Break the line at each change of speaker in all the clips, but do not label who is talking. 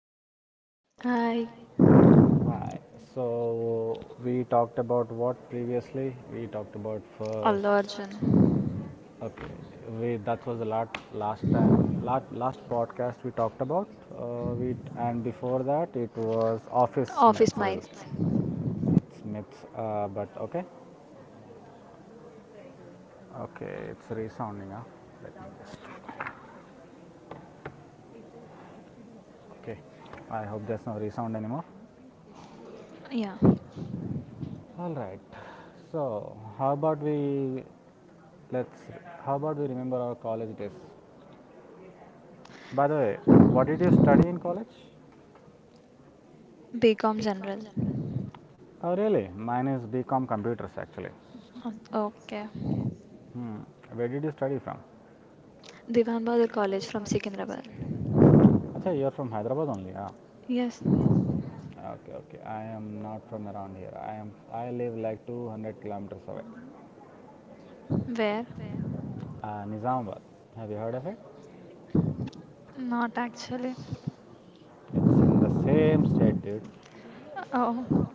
podcast.
I
Hi. So we talked about what previously? We talked about
Allu Arjun.
first. Okay, we that was the last time last podcast we talked about. We And before that it was office
Office
myths.
Mates.
Really. It's myths, but okay, okay, it's resounding. Huh? Let me just. Okay, I hope there's no resound anymore.
Yeah.
All right. So let's how about we remember our college days? By the way, what did you study in college?
BCom General.
Oh really? Mine is BCom computers actually.
Okay.
Hmm. Where did you study from?
Divan Bahadur College from Secunderabad.
Acha, you're from Hyderabad only, yeah.
Yes.
Okay, okay. I am not from around here. I live like 200 km kilometers away.
Where?
Nizamabad. Have you heard of it?
Not actually.
It's in the same state, dude.
Oh,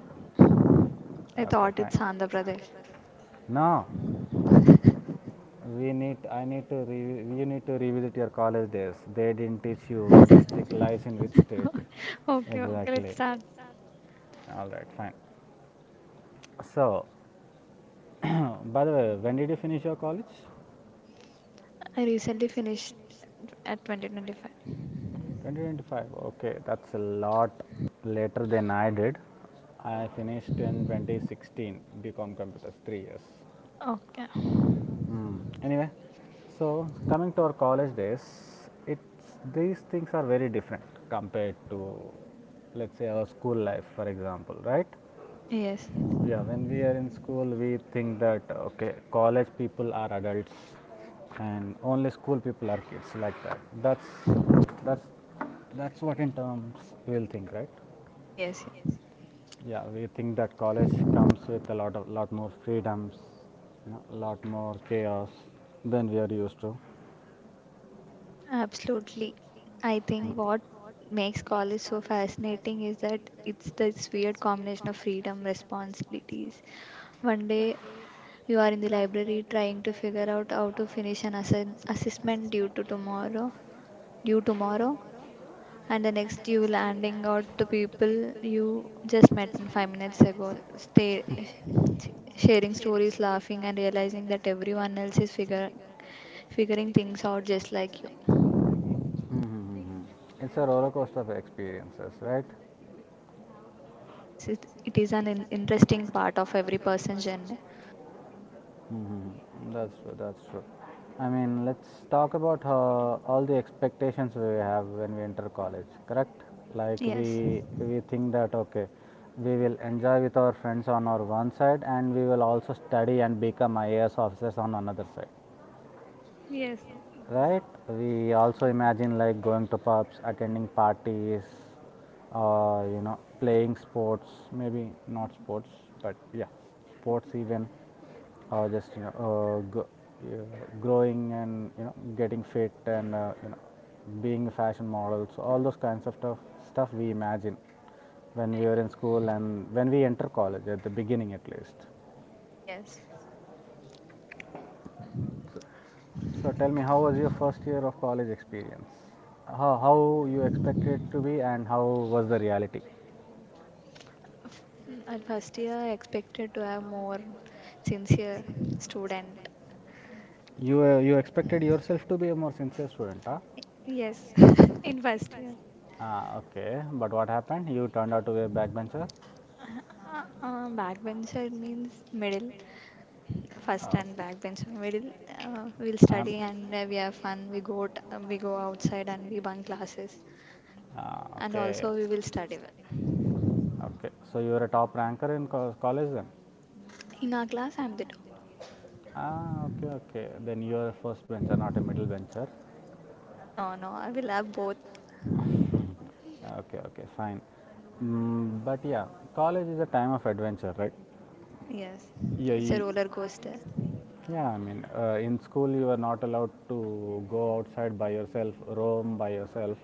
I
Okay,
thought
I fine.
it's Andhra Pradesh.
No, We need, I need to, re, you need to revisit your college days. They didn't teach you what district lies in which state.
Okay, okay, let's
Exactly.
start.
All right, fine. So, by the way, when did you finish your college?
I recently finished at 2025.
2025. Okay, that's a lot later than I did. I finished in 2016, BCom Computers, 3 years.
Okay.
Hmm. Anyway, so coming to our college days, it's these things are very different compared to, let's say, our school life, for example, right?
Yes,
Yeah, when we are in school, we think that okay, college people are adults, and only school people are kids, like that. That's that's what in terms we'll think, right?
yes, yeah.
Yeah, we think that college comes with a lot more freedoms, lot more chaos than we are used to.
Absolutely. I think what makes college so fascinating is that it's this weird combination of freedom, responsibilities. One day you are in the library trying to figure out how to finish an assessment due tomorrow, and the next you landing out to people you just met 5 minutes ago, sharing stories, laughing, and realizing that everyone else is figuring things out just like you.
Mm-hmm. It's a roller coaster of experiences, right?
Yes, it is an interesting part of every person's journey.
Mm-hmm. That's true. That's true. I mean, let's talk about all the expectations we have when we enter college. Correct? Like
Yes,
we think that okay, we will enjoy with our friends on our one side, and we will also study and become IAS officers on another side. Right? We also imagine like going to pubs, attending parties, playing sports, maybe not sports, but yeah, sports even, or just growing and getting fit and being a fashion model. So all those kinds of stuff we imagine when we were in school and when we enter college at the beginning at least.
yes.
So tell me, how was your first year of college experience? How you expected to be and how was the reality?
F- At first year, I expected to have more sincere student.
You expected yourself to be a more sincere student, huh?
Yes, in first year.
Ah, okay. But what happened? You turned out to be a backbencher? Now
Backbencher means middle.
in No.
First and backbencher middle.
In
We'll
We I'm,
study and we have fun. We go outside and we bunk classes.
ah, And
And
okay.
also we will study well.
Okay. So you were a top ranker in college then?
In our class, I'm the top.
Ah, okay, okay. Then you are a first bencher, not a middle bencher.
No, no, I will have both.
Ah, okay, okay, fine. Mm, but yeah, college is a time of adventure, right?
Yes,
Yeah,
it's a
you,
roller coaster.
yeah. I mean, in school you are not allowed to go outside by yourself, roam by yourself.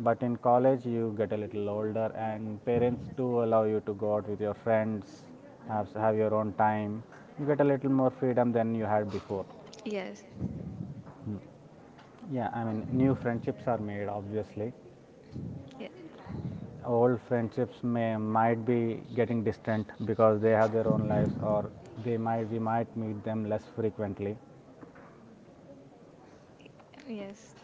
But in college you get a little older, and parents do allow you to go out with your friends, have your own time. You get a little more freedom than you had before.
Yes,
Yeah, I mean, new friendships are made, obviously.
yes,
Old friendships may might be getting distant because they have their own lives, or they might we might meet them less frequently.
yes.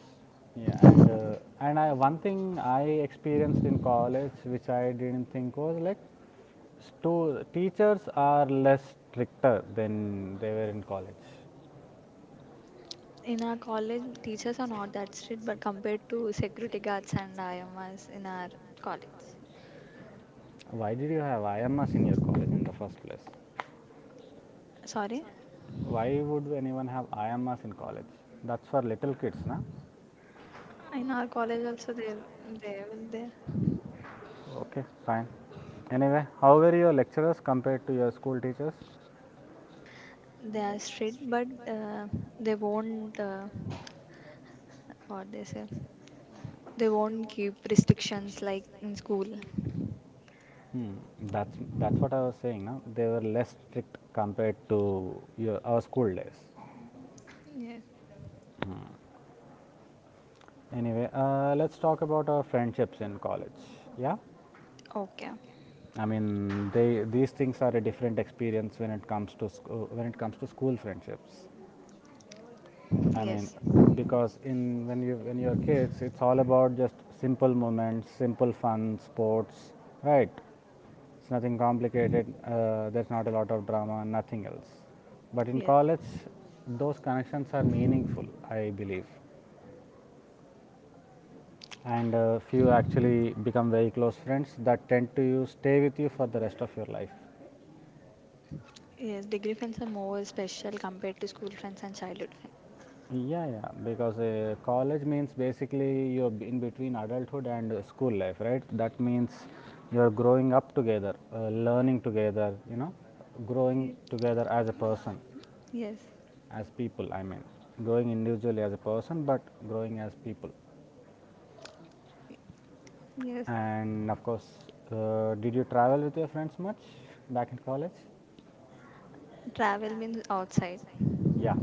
Yeah, and and one thing I experienced in college, which I didn't think was like, teachers are less stricter than they were in college.
In our college, teachers are not that strict, but compared to security guards and IMS in our college.
Why did you have IMS in your college in the first place?
Sorry,
Why would anyone have IMS in college? That's for little kids, na?
in our college also they will they
Okay, fine. Anyway, how were your lecturers compared to your school teachers?
they are strict, but they won't, what they say they won't keep restrictions like in school.
Hmm, that's what I was saying. Now they were less strict compared to our school days.
Yes.
Anyway, let's talk about our friendships in college. Yeah?
Okay.
I mean, they these things are a different experience when it comes to school friendships. I mean,
Yes.
because in when you when you're kids, it's all about just simple moments, simple fun, sports, right? It's nothing complicated. There's not a lot of drama, nothing else. But in
Yes.
college, those connections are meaningful, I believe. And few actually become very close friends that tend to you stay with you for the rest of your life.
Yes. Degree friends are more special compared to school friends and childhood friends.
Yeah, yeah, because college means basically you're in between adulthood and school life, right? That means you're growing up together, learning together, growing together as a person.
Yes.
As people, I mean, growing individually as a person but growing as people.
Yes.
And of course, did you travel with your friends much back in college?
Travel means outside.
Yeah?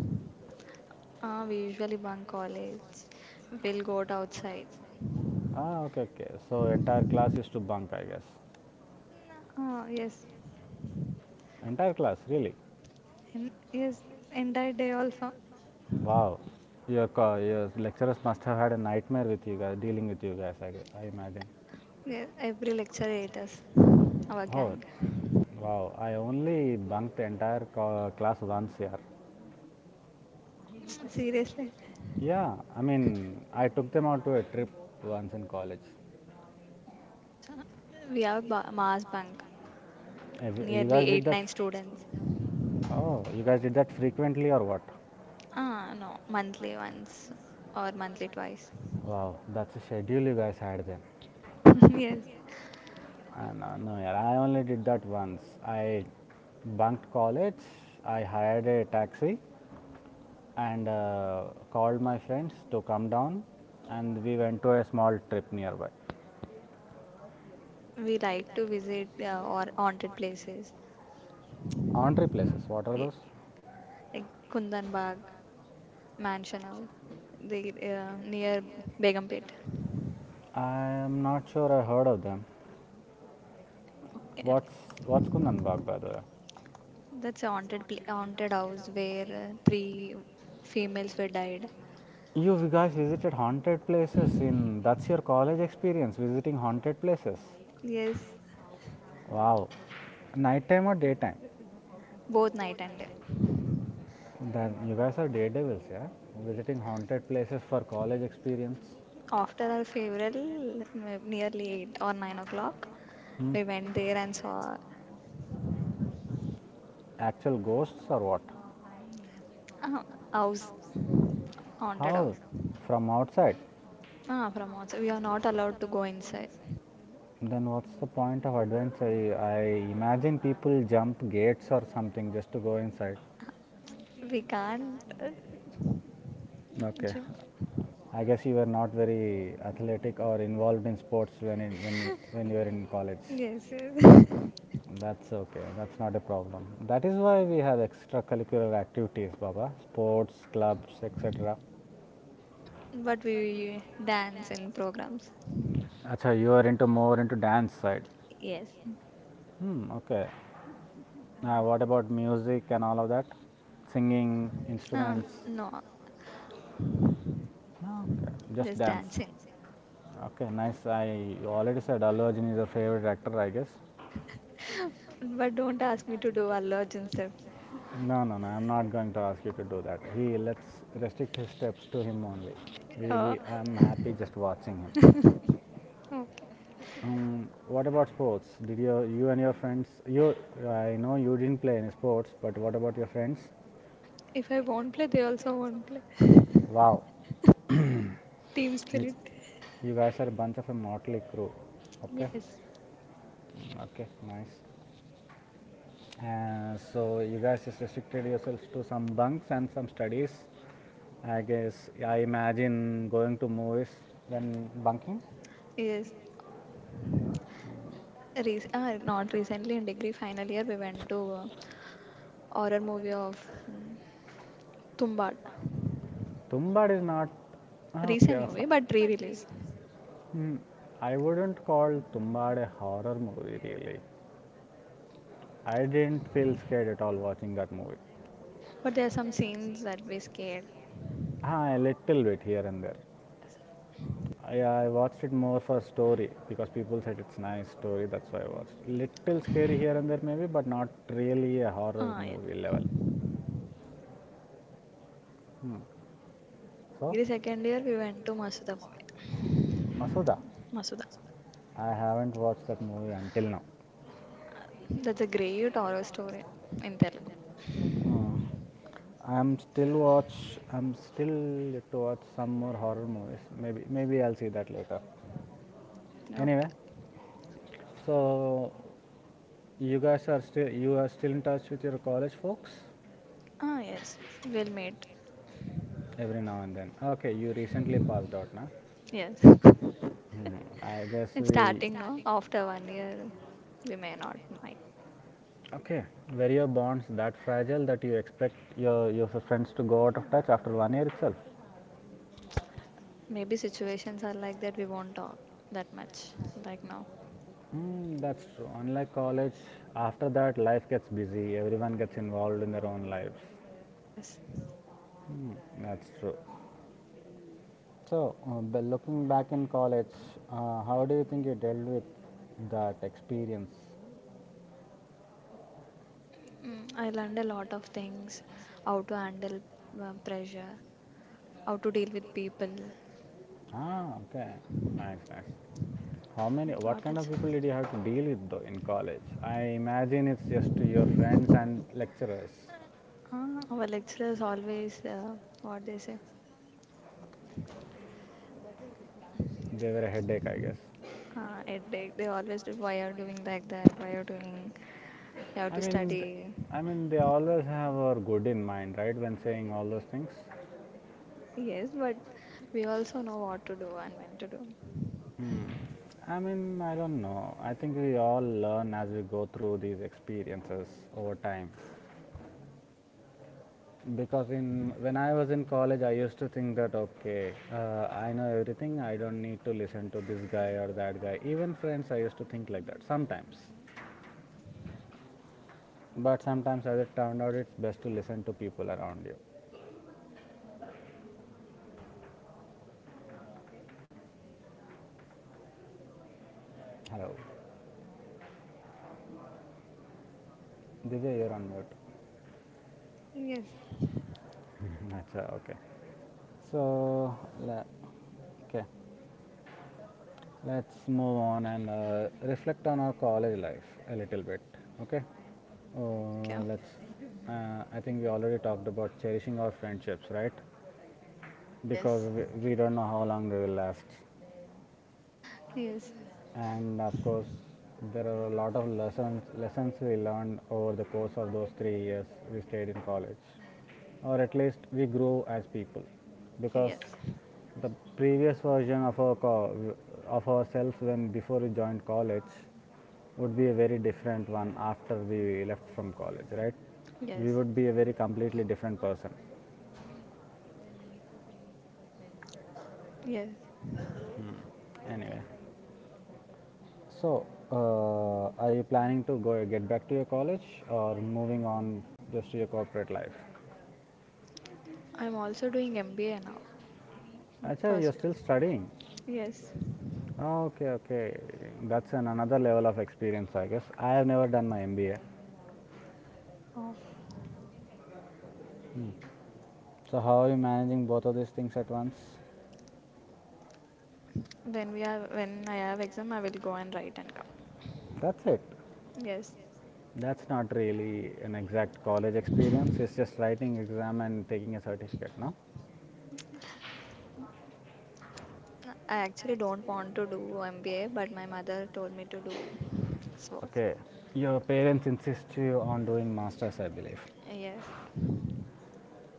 We usually bunk college. We'll go outside.
Ah, okay, okay. So entire class used to bunk, I guess?
Yes,
Entire class, really?
yes, entire day also.
Wow. Your lecturers must have had a nightmare with you guys, dealing with you guys, I imagine.
Yes, every lecture ate us, our
Oh
gang.
wow. I only bunked entire class once year.
Mm, seriously.
Yeah, I mean, I took them out to a trip once in college.
Acha. We have mass bunk,
You
nearly
guys
eight,
did that?
nine students.
Oh, you guys did that frequently or what?
Ah, no, monthly once or monthly twice.
Wow, that's a schedule you guys had then.
Yes,
No, no, yeah, I only did that once. I bunked college, I hired a taxi and called my friends to come down and we went to a small trip nearby.
we like to visit, or haunted places
Entree places, what are
ye-
those?
like Kundan Bagh, Mansion House, the near Begumpet.
I am not sure I heard of them. What's, what's Kundan Bagh by the way?
That's a haunted house where three females were died.
You've guys visited haunted places in that's your college experience, visiting haunted places.
Yes,
Wow. Nighttime or daytime?
both night and day.
Then you guys are daredevils, yeah? Visiting haunted places for college experience.
After our funeral, nearly 8 or 9 o'clock,
Hmm?
we went there and saw
Actual ghosts or what?
a house haunted
How?
house.
From outside?
Ah, from outside, we are not allowed to go inside.
Then what's the point of adventure? I imagine people jump gates or something just to go inside.
We can't,
Okay.
jump.
I guess you were not very athletic or involved in sports when you were in college.
Yes, yes.
That's okay. That's not a problem. That is why we have extracurricular activities, Baba. Sports, clubs, etc.
But we dance in programs.
Acha, you are into more into dance side.
Yes.
Hmm. Okay. Now, what about music and all of that? Singing,
Ah,
instruments.
no,
Ah, okay. Just
just
dance.
dancing.
Okay. Nice. I You already said Allu Arjun is your favorite actor, I guess.
But don't ask me to do Allu Arjun step.
No, no, no. I'm not going to ask you to do that. He Let's restrict his steps to him only.
Uh,
We I'm happy just watching him.
okay.
What about sports? Did you and your friends? I know you didn't play any sports, but what about your friends?
If I won't play, they also won't play.
Wow,
Team
you,
spirit.
you guys are a bunch of a motley crew. Okay,
Yes.
okay, nice. So you guys just restricted yourselves to some bunks and some studies. I guess I imagine going to movies then bunking.
Yes. Not recently, in degree final year we went to, horror movie of Tumbad.
Tumbad is not. Okay.
Recent movie, but re-release.
Hmm, I wouldn't call Tumbad a horror movie really. I didn't feel scared at all watching that movie.
But there are some scenes that we scared.
Ah, a little bit here and there.
Yes.
I watched it more for story because people said it's nice story. That's why I watched. Little scary here and there maybe, but not really a horror
Ah, yeah.
movie level. Hmm.
In
So,
degree second year we went to Masuda movie.
Masooda,
Masuda.
I haven't watched that movie until now.
That's a great horror story in Telugu.
Hmm. I'm still yet to watch some more horror movies. Maybe I'll see that later.
Okay.
Anyway, so you guys are still in touch with your college folks
Ah, yes. We'll meet.
every now and then. Okay, you recently passed out, na?
Yes.
Hmm, I guess
It's
we
starting, no? After one year, we may not might.
okay. Were your bonds that fragile that you expect your friends to go out of touch after 1 year itself?
Maybe situations are like that, we won't talk that much like now.
Mm, that's true. Unlike college, after that life gets busy. Everyone gets involved in their own lives.
Yes.
That's true. So, but looking back in college, how do you think you dealt with that experience?
I learned a lot of things, how to handle, pressure, how to deal with people.
Ah, okay. Nice, nice. What
What
kind
else?
of people did you have to deal with though in college? I imagine it's just your friends and lecturers.
Our lecturers always, what they say,
They were a headache, I guess.
headache. They always do, why are doing like that? Why are doing? You have
I
to
mean,
study.
they always have our good in mind, right? When saying all those things.
Yes, but we also know what to do and when to do.
Hmm. I mean, I don't know. I think we all learn as we go through these experiences over time. Because in when I was in college, I used to think that okay, I know everything. I don't need to listen to this guy or that guy, even friends, I used to think like that sometimes.
Yes.
But sometimes as it turned out, it's best to listen to people around you. Hello Divya, you're on mute.
Yes.
Acha, okay, so la- okay. Let's move on and reflect on our college life a little bit. Okay,
Okay.
uh, let's. I think we already talked about cherishing our friendships, right? Because
Yes,
we don't know how long they will last,
yes,
and of course there are a lot of lessons we learned over the course of those 3 years we stayed in college, or at least we grew as people, because
yes,
the previous version of ourselves when before we joined college would be a very different one after we left from college, right? We
yes,
would be a very completely different person
yes.
anyway. So, are you planning to go get back to your college or moving on just to your corporate life?
I'm also doing MBA now,
Actually, you're
personal.
still studying.
Yes.
Okay, okay. That's an another level of experience, I guess. I have never done my MBA.
Oh,
So, how are you managing both of these things at once?
when we are when I have exam, I will go and write and come.
That's it.
Yes,
That's not really an exact college experience. It's just writing exam and taking a certificate, no?
I actually don't want to do MBA, but my mother told me to do. So
Okay. Your parents insist you on doing masters, I believe.
yes,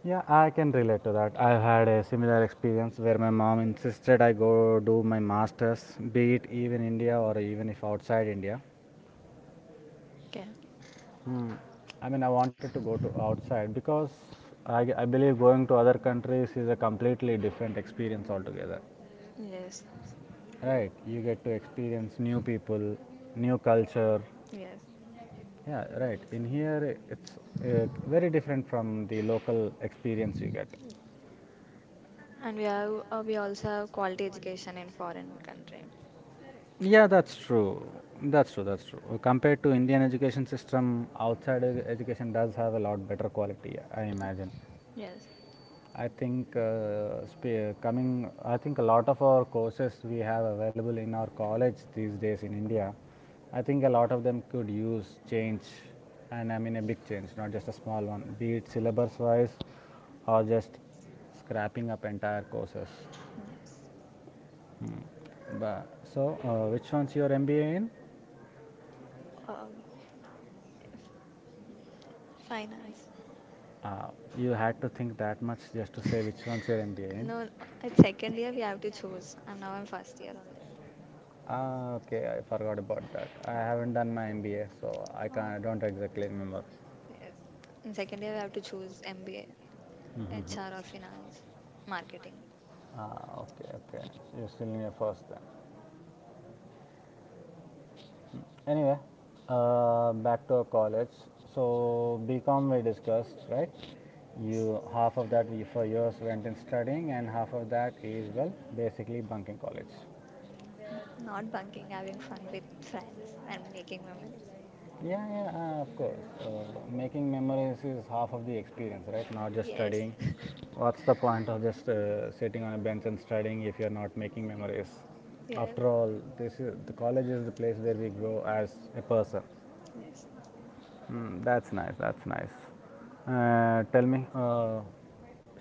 Yeah, I can relate to that. I've had a similar experience where my mom insisted I go do my masters, be it even India or even if outside India.
okay,
Hmm. I mean, I wanted to go to outside because I believe going to other countries is a completely different experience altogether.
yes,
Right, you get to experience new people, new culture.
yes.
Yeah, right. In here, it's very different from the local experience you get.
And we also have quality education in foreign country.
Yeah, that's true. That's true. That's true. Compared to Indian education system, outside education does have a lot better quality, I imagine.
Yes,
I think sp- coming. I think a lot of our courses we have available in our college these days in India. I think a lot of them could use change, and I mean a big change, not just a small one. Be it syllabus wise, or just scrapping up entire courses.
yes.
Hmm. But which one's your MBA in?
Um, Finance.
Uh, you had to think that much just to say which one's your MBA in.
No, at second year we have to choose. And now I'm first year only.
Ah, okay, I forgot about that. I
Uh,
haven't done my MBA, so I
Uh,
can't. I don't exactly remember.
In second year we have to choose MBA,
Mm-hmm.
HR or finance, marketing.
Ah, okay, okay. You're still in your first then. Anyway, back to our college. So BCom we discussed, right?
Yes.
You half of that we for years went in studying, and half of that is, well, basically bunking college.
Not bunking, having fun with friends and making memories.
Yeah, yeah, of course. Making memories is half of the experience, right? Not just
Yes.
studying. What's the point of just sitting on a bench and studying if you're not making memories? After all, the college is the place where we grow as a person.
Yes.
Mm, that's nice. That's nice. Tell me.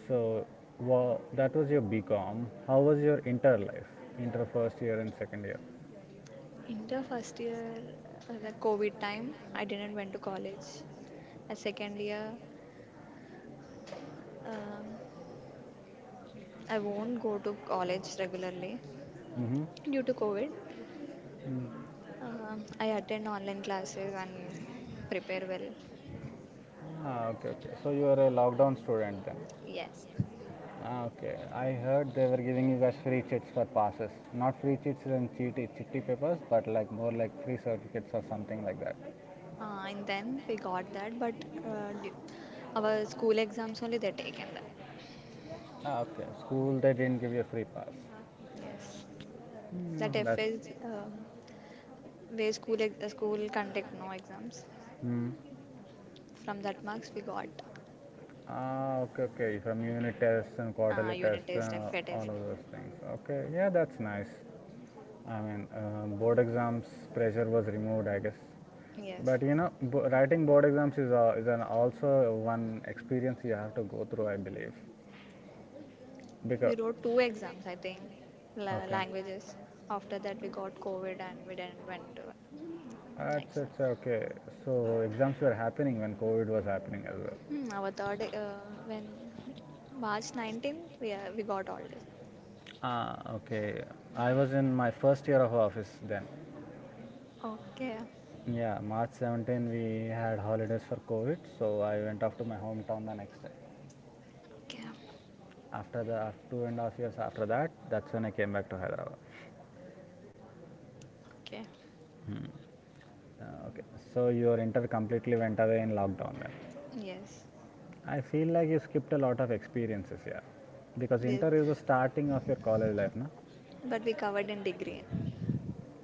So, wa That was your BCom. How was your inter life? Inter first year and second year.
In the first year, the COVID time, I didn't went to college. At second year, um, I won't go to college regularly
Mm-hmm.
due to COVID. I attend online classes and prepare well.
Ah, okay, okay. So you are a lockdown student then.
Yes,
Ah, okay. I heard they were giving you guys free chits for passes. Not free chits and chitty, chitty papers, but like more like free certificates or something like that.
and then we got that, but uh, d- our school exams only they taken that.
Ah, okay. School, they didn't give you a free pass.
Yes, that
Mm, that's.
FS, where school school conduct no exams.
Mm.
From that marks we got,
Ah, okay, okay. From unit tests and quarterly
unit
tests,
test, FA test.
all of those things. Okay, yeah, that's nice. I mean, board exams pressure was removed, I guess.
Yes,
But you know, writing board exams is an also one experience you have to go through, I believe.
we
Because
wrote two exams I think,
okay,
languages. After that we got COVID and we didn't went to
that's,
exam.
that's okay. So exams were happening when COVID was happening as well.
Our third When March 19th we we got all this.
Ah, okay. I was in my first year of office then.
Okay,
Yeah, March 17 we had holidays for COVID, so I went off to my hometown the next day.
okay,
After 2.5 years after that, that's when I came back to Hyderabad.
okay.
Hmm. Okay, so your inter completely went away in lockdown then.
Yes,
I feel like you skipped a lot of experiences, yeah, because
yes,
inter is the starting of your college life, na?
but we covered in degree.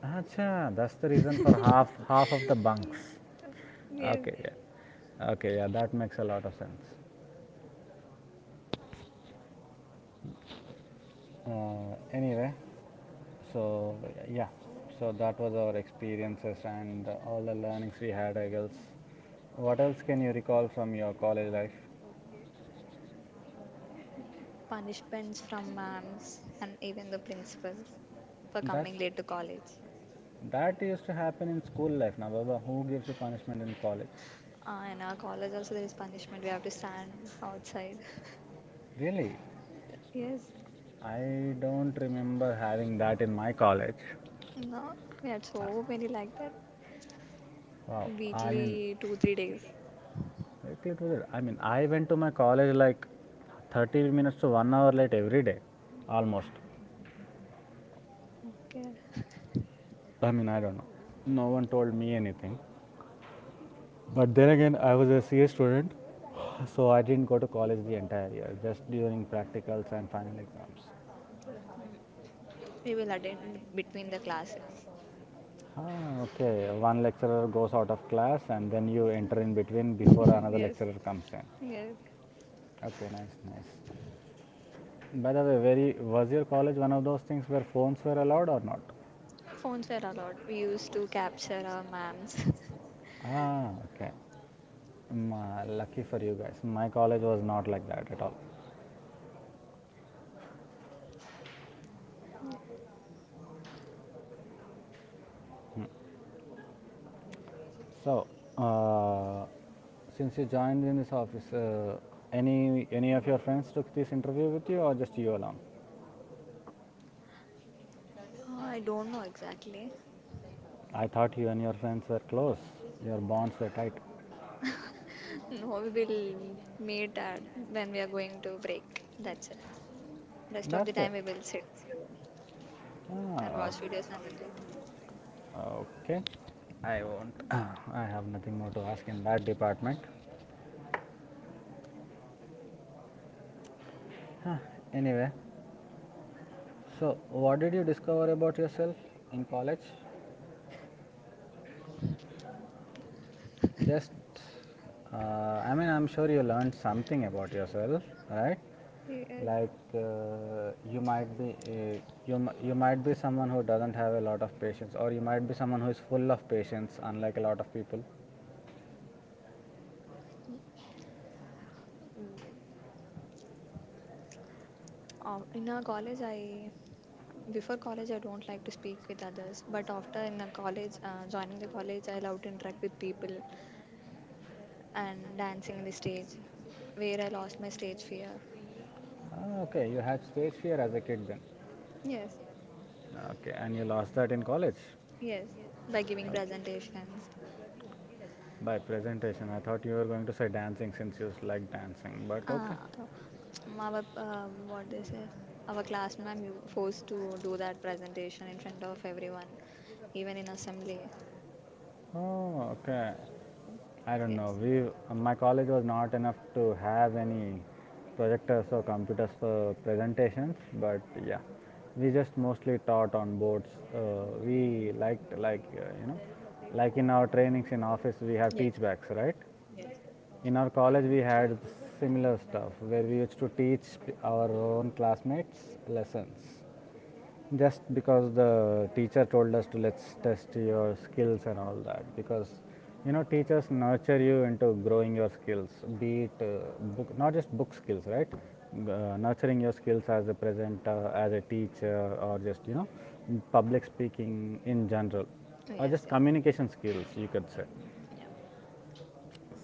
Acha, that's the reason for half of the bunks.
Yes,
Okay, yeah. Okay, yeah, that makes a lot of sense. Anyway, so yeah, so that was our experiences and all the learnings we had, I guess. What else can you recall from your college life?
punishments from ma'ams and even the principals for
That
coming late to college.
that used to happen in school life, now, Baba. Who gives you punishment in college?
In our college also there is punishment. We have to stand outside.
Really?
Yes,
I don't remember having that in my college.
no, we had so many like that.
Wow, I mean,
Weekly 2 3 days.
lately it was it. I mean, I went to my college like 30 minutes to 1 hour late every day, almost.
Okay,
I mean, I don't know. No one told me anything. But then again, I was a CA student, so I didn't go to college the entire year, just during practicals and final exams.
we will attend between the classes.
Ah, okay. One lecturer goes out of class, and then you enter in between before another
Yes,
lecturer comes in.
yes.
Okay, nice, nice. By the way, very was your college one of those things where phones were allowed or not?
Phones were allowed. We used to capture our ma'ams.
Ah, okay. Mm, lucky for you guys. My college was not like that at all. So, uh, since you joined in this office, any of your friends took this interview with you, or just you alone?
I don't know exactly.
I thought you and your friends were close. Your bonds were tight.
No, we will meet at when we are going to break. That's it. Rest of
That's
the
it.
time we will sit here and
Ah,
watch videos and we'll go.
okay. Okay. I won't. I have nothing more to ask in that department. Huh, anyway, so what did you discover about yourself in college? Just, uh, I mean, I'm sure you learned something about yourself, right?
Yeah.
Like you might be you you might be someone who doesn't have a lot of patience, or you might be someone who is full of patience, unlike a lot of people.
In our college, I before college I don't like to speak with others, but after in the college, joining the college, I love to interact with people and dancing in the stage, where I lost my stage fear.
Ah, okay, you had space fear as a kid then.
Yes,
Okay, and you lost that in college
yes, by giving presentations.
by presentation. I thought you were going to say dancing since you like dancing, but
Uh,
okay.
our what they say, Our class ma'am you forced to do that presentation in front of everyone, even in assembly.
Oh, okay. I don't know.
Yes,
We, my college was not enough to have any projectors or computers for presentations, but yeah, we just mostly taught on boards. We liked like you know, like in our trainings in office we have
yes,
teach backs, right?
yes,
In our college we had similar stuff where we used to teach our own classmates lessons, just because the teacher told us to, let's test your skills and all that, because teachers nurture you into growing your skills, be it book, not just book skills, right? Nurturing your skills as a presenter, as a teacher, or just public speaking in general, or
yes,
just
yeah.
communication skills, you could say.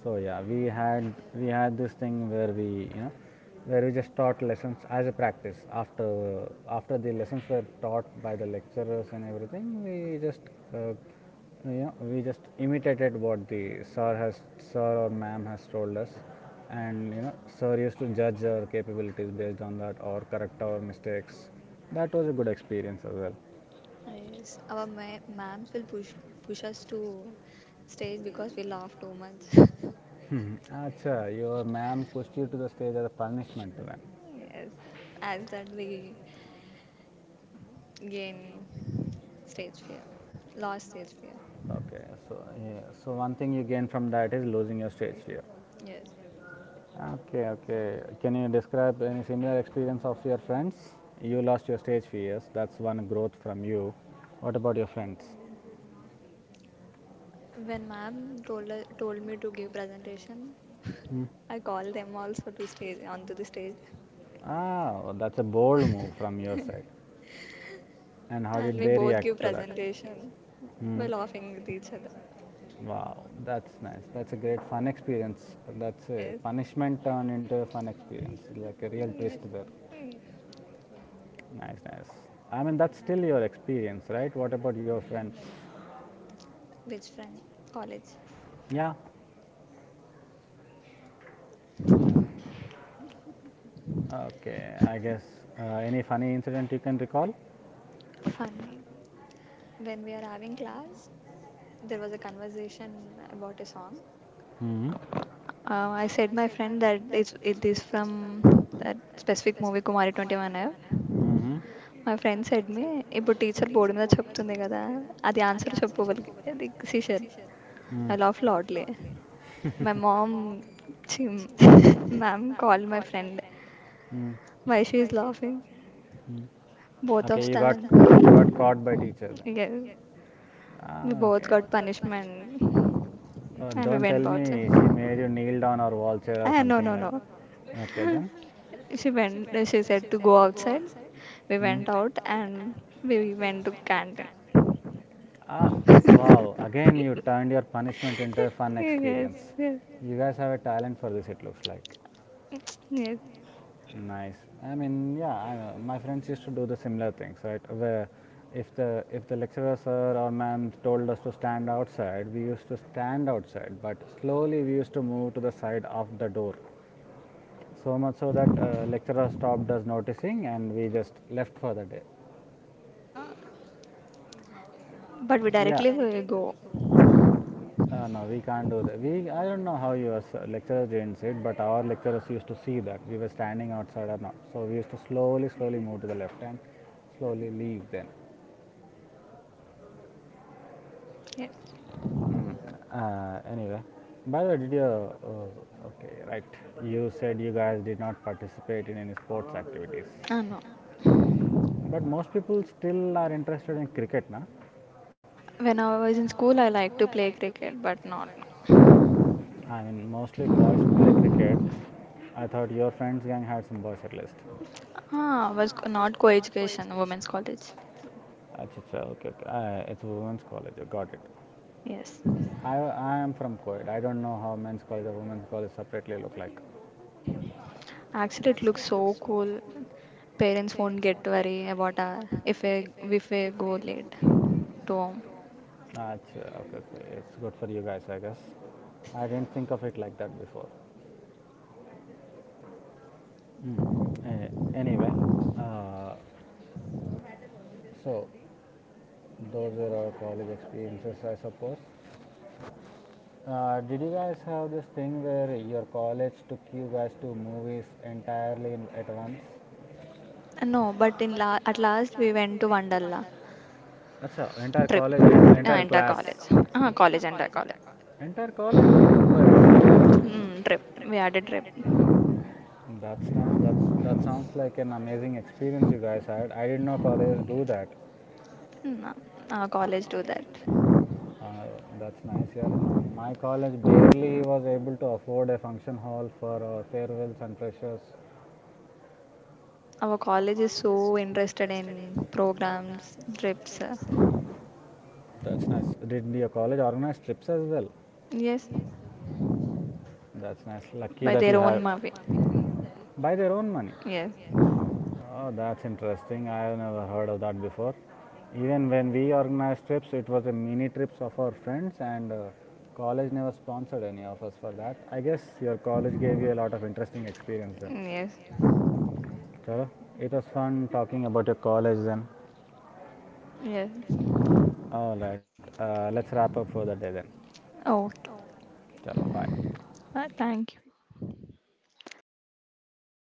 So yeah, we had this thing where we you know where we just taught lessons as a practice. After the lessons were taught by the lecturers and everything, uh, we just imitated what the sir or ma'am has told us, and sir used to judge our capabilities based on that or correct our mistakes. That was a good experience as well.
Yes, our ma'ams will push us to stage because we laugh too much.
Hmm. Acha, your ma'am pushed you to the stage as a punishment to.
Yes, as that we gain stage fear, lost stage fear.
Okay, so yeah, so one thing you gain from that is losing your stage fear.
Yes.
Okay, okay. Can you describe any similar experience of your friends? You lost your stage fears. That's one growth from you. What about your friends?
When ma'am told told me to give presentation,
Hmm.
I call them also to stage onto the stage,
Ah, oh, that's a bold move from your side. And how
and
did
we
they
both give
react to that?
presentation
Hmm.
by laughing with each other.
Wow, that's nice. That's a great fun experience. That's a
Yes,
punishment turned into a fun experience. Like a real twist
yes,
there.
yes.
Nice, nice. I mean, that's still your experience, right? What about your friends?
Which friend? College.
Yeah. Okay. I guess any funny incident you can recall?
Funny. When we are having class, there was a conversation about a song.
Hmm.
I said my friend that it is from that specific movie Kumari twenty one F.
Hmm.
మా friend said మీ ఇప్పుడు teacher board మీద చెప్తుంది కదా అది answer చెప్పు వాళ్ళకి అది సీషర్
Hmm.
I laugh loudly. My mom, she, Ma'am called my friend.
Hmm.
Why she is laughing?
Hmm.
Both of
Okay. You got
stand.
you got caught by teacher then.
Yes, we
Ah.
both
Okay.
got punishment, and we
Don't tell
went outside.
me she made you kneel down or wall chair or
Ah, no,
something, no,
no,
like
no.
that. No, no, no. Okay then.
She went. She said to go outside. We
Hmm?
went out and we went to canteen.
Ah, wow! Again, you turned your punishment into a fun
Yes,
experience.
yes,
You guys have a talent for this, it looks like.
yes.
Nice. I mean, yeah, I my friends used to do the similar things, right? Where if the lecturer sir or ma'am told us to stand outside, we used to stand outside, but slowly we used to move to the side of the door, so much so that lecturer stopped us noticing, and we just left for the day.
Uh, but we
But yeah,
directly will go.
no, we can't do that. I don't know how your lecturers didn't see it, but our lecturers used to see that we were standing outside or not. So we used to slowly, slowly move to the left and slowly leave then.
Yes.
Mm. Anyway, by the way, did you, okay, right, you said you guys did not participate in any sports activities.
Ah, no.
But most people still are interested in cricket, na?
When I was in school, I like to play cricket, but not.
I mean, mostly boys play cricket. I thought your friend's gang had some boys at least.
Ah, was not co-education, women's college.
Acha, okay, okay. It's a women's college. Got it.
Yes.
I am from co-ed. I don't know how men's college or women's college separately look like.
Actually, it looks so cool. Parents won't get to worry about our, if we go late to home.
Acha, okay, okay. It's good for you guys, I guess.
Yes.
I didn't think of it like that before. Mm. Uh, anyway, uh, so those were our college experiences, I suppose. Did you guys have this thing where your college took you guys to movies entirely at once?
No, but in la at last we went to Wonderla
Acha, entire
trip.
college, en- entire Entire
Entire
class.
college. Entire college.
Uh Entire college was booked by $1.
Mm, trip. We had a trip.
That's nice. That sounds like an amazing experience you guys had. I didn't know colleges do that.
Mm, our college do that.
Uh, that's nice. Yeah, my college barely was able to afford a function hall for our farewells and freshers.
Our college is so interested in programs, trips.
That's nice. Did your college organize trips as well?
Yes,
That's nice. Lucky
by
that you.
their
Their have
own
their
movie.
by their own money.
Yes,
Oh, that's interesting. I have never heard of that before. Even when we organized trips, it was a mini trips of our friends, and college never sponsored any of us for that. I guess your college gave you a lot of interesting experience then.
yes.
Chalo, it was fun talking about your college then.
Yes.
All right, let's wrap up for the day then.
Okay.
Chalo, bye.
Thank you.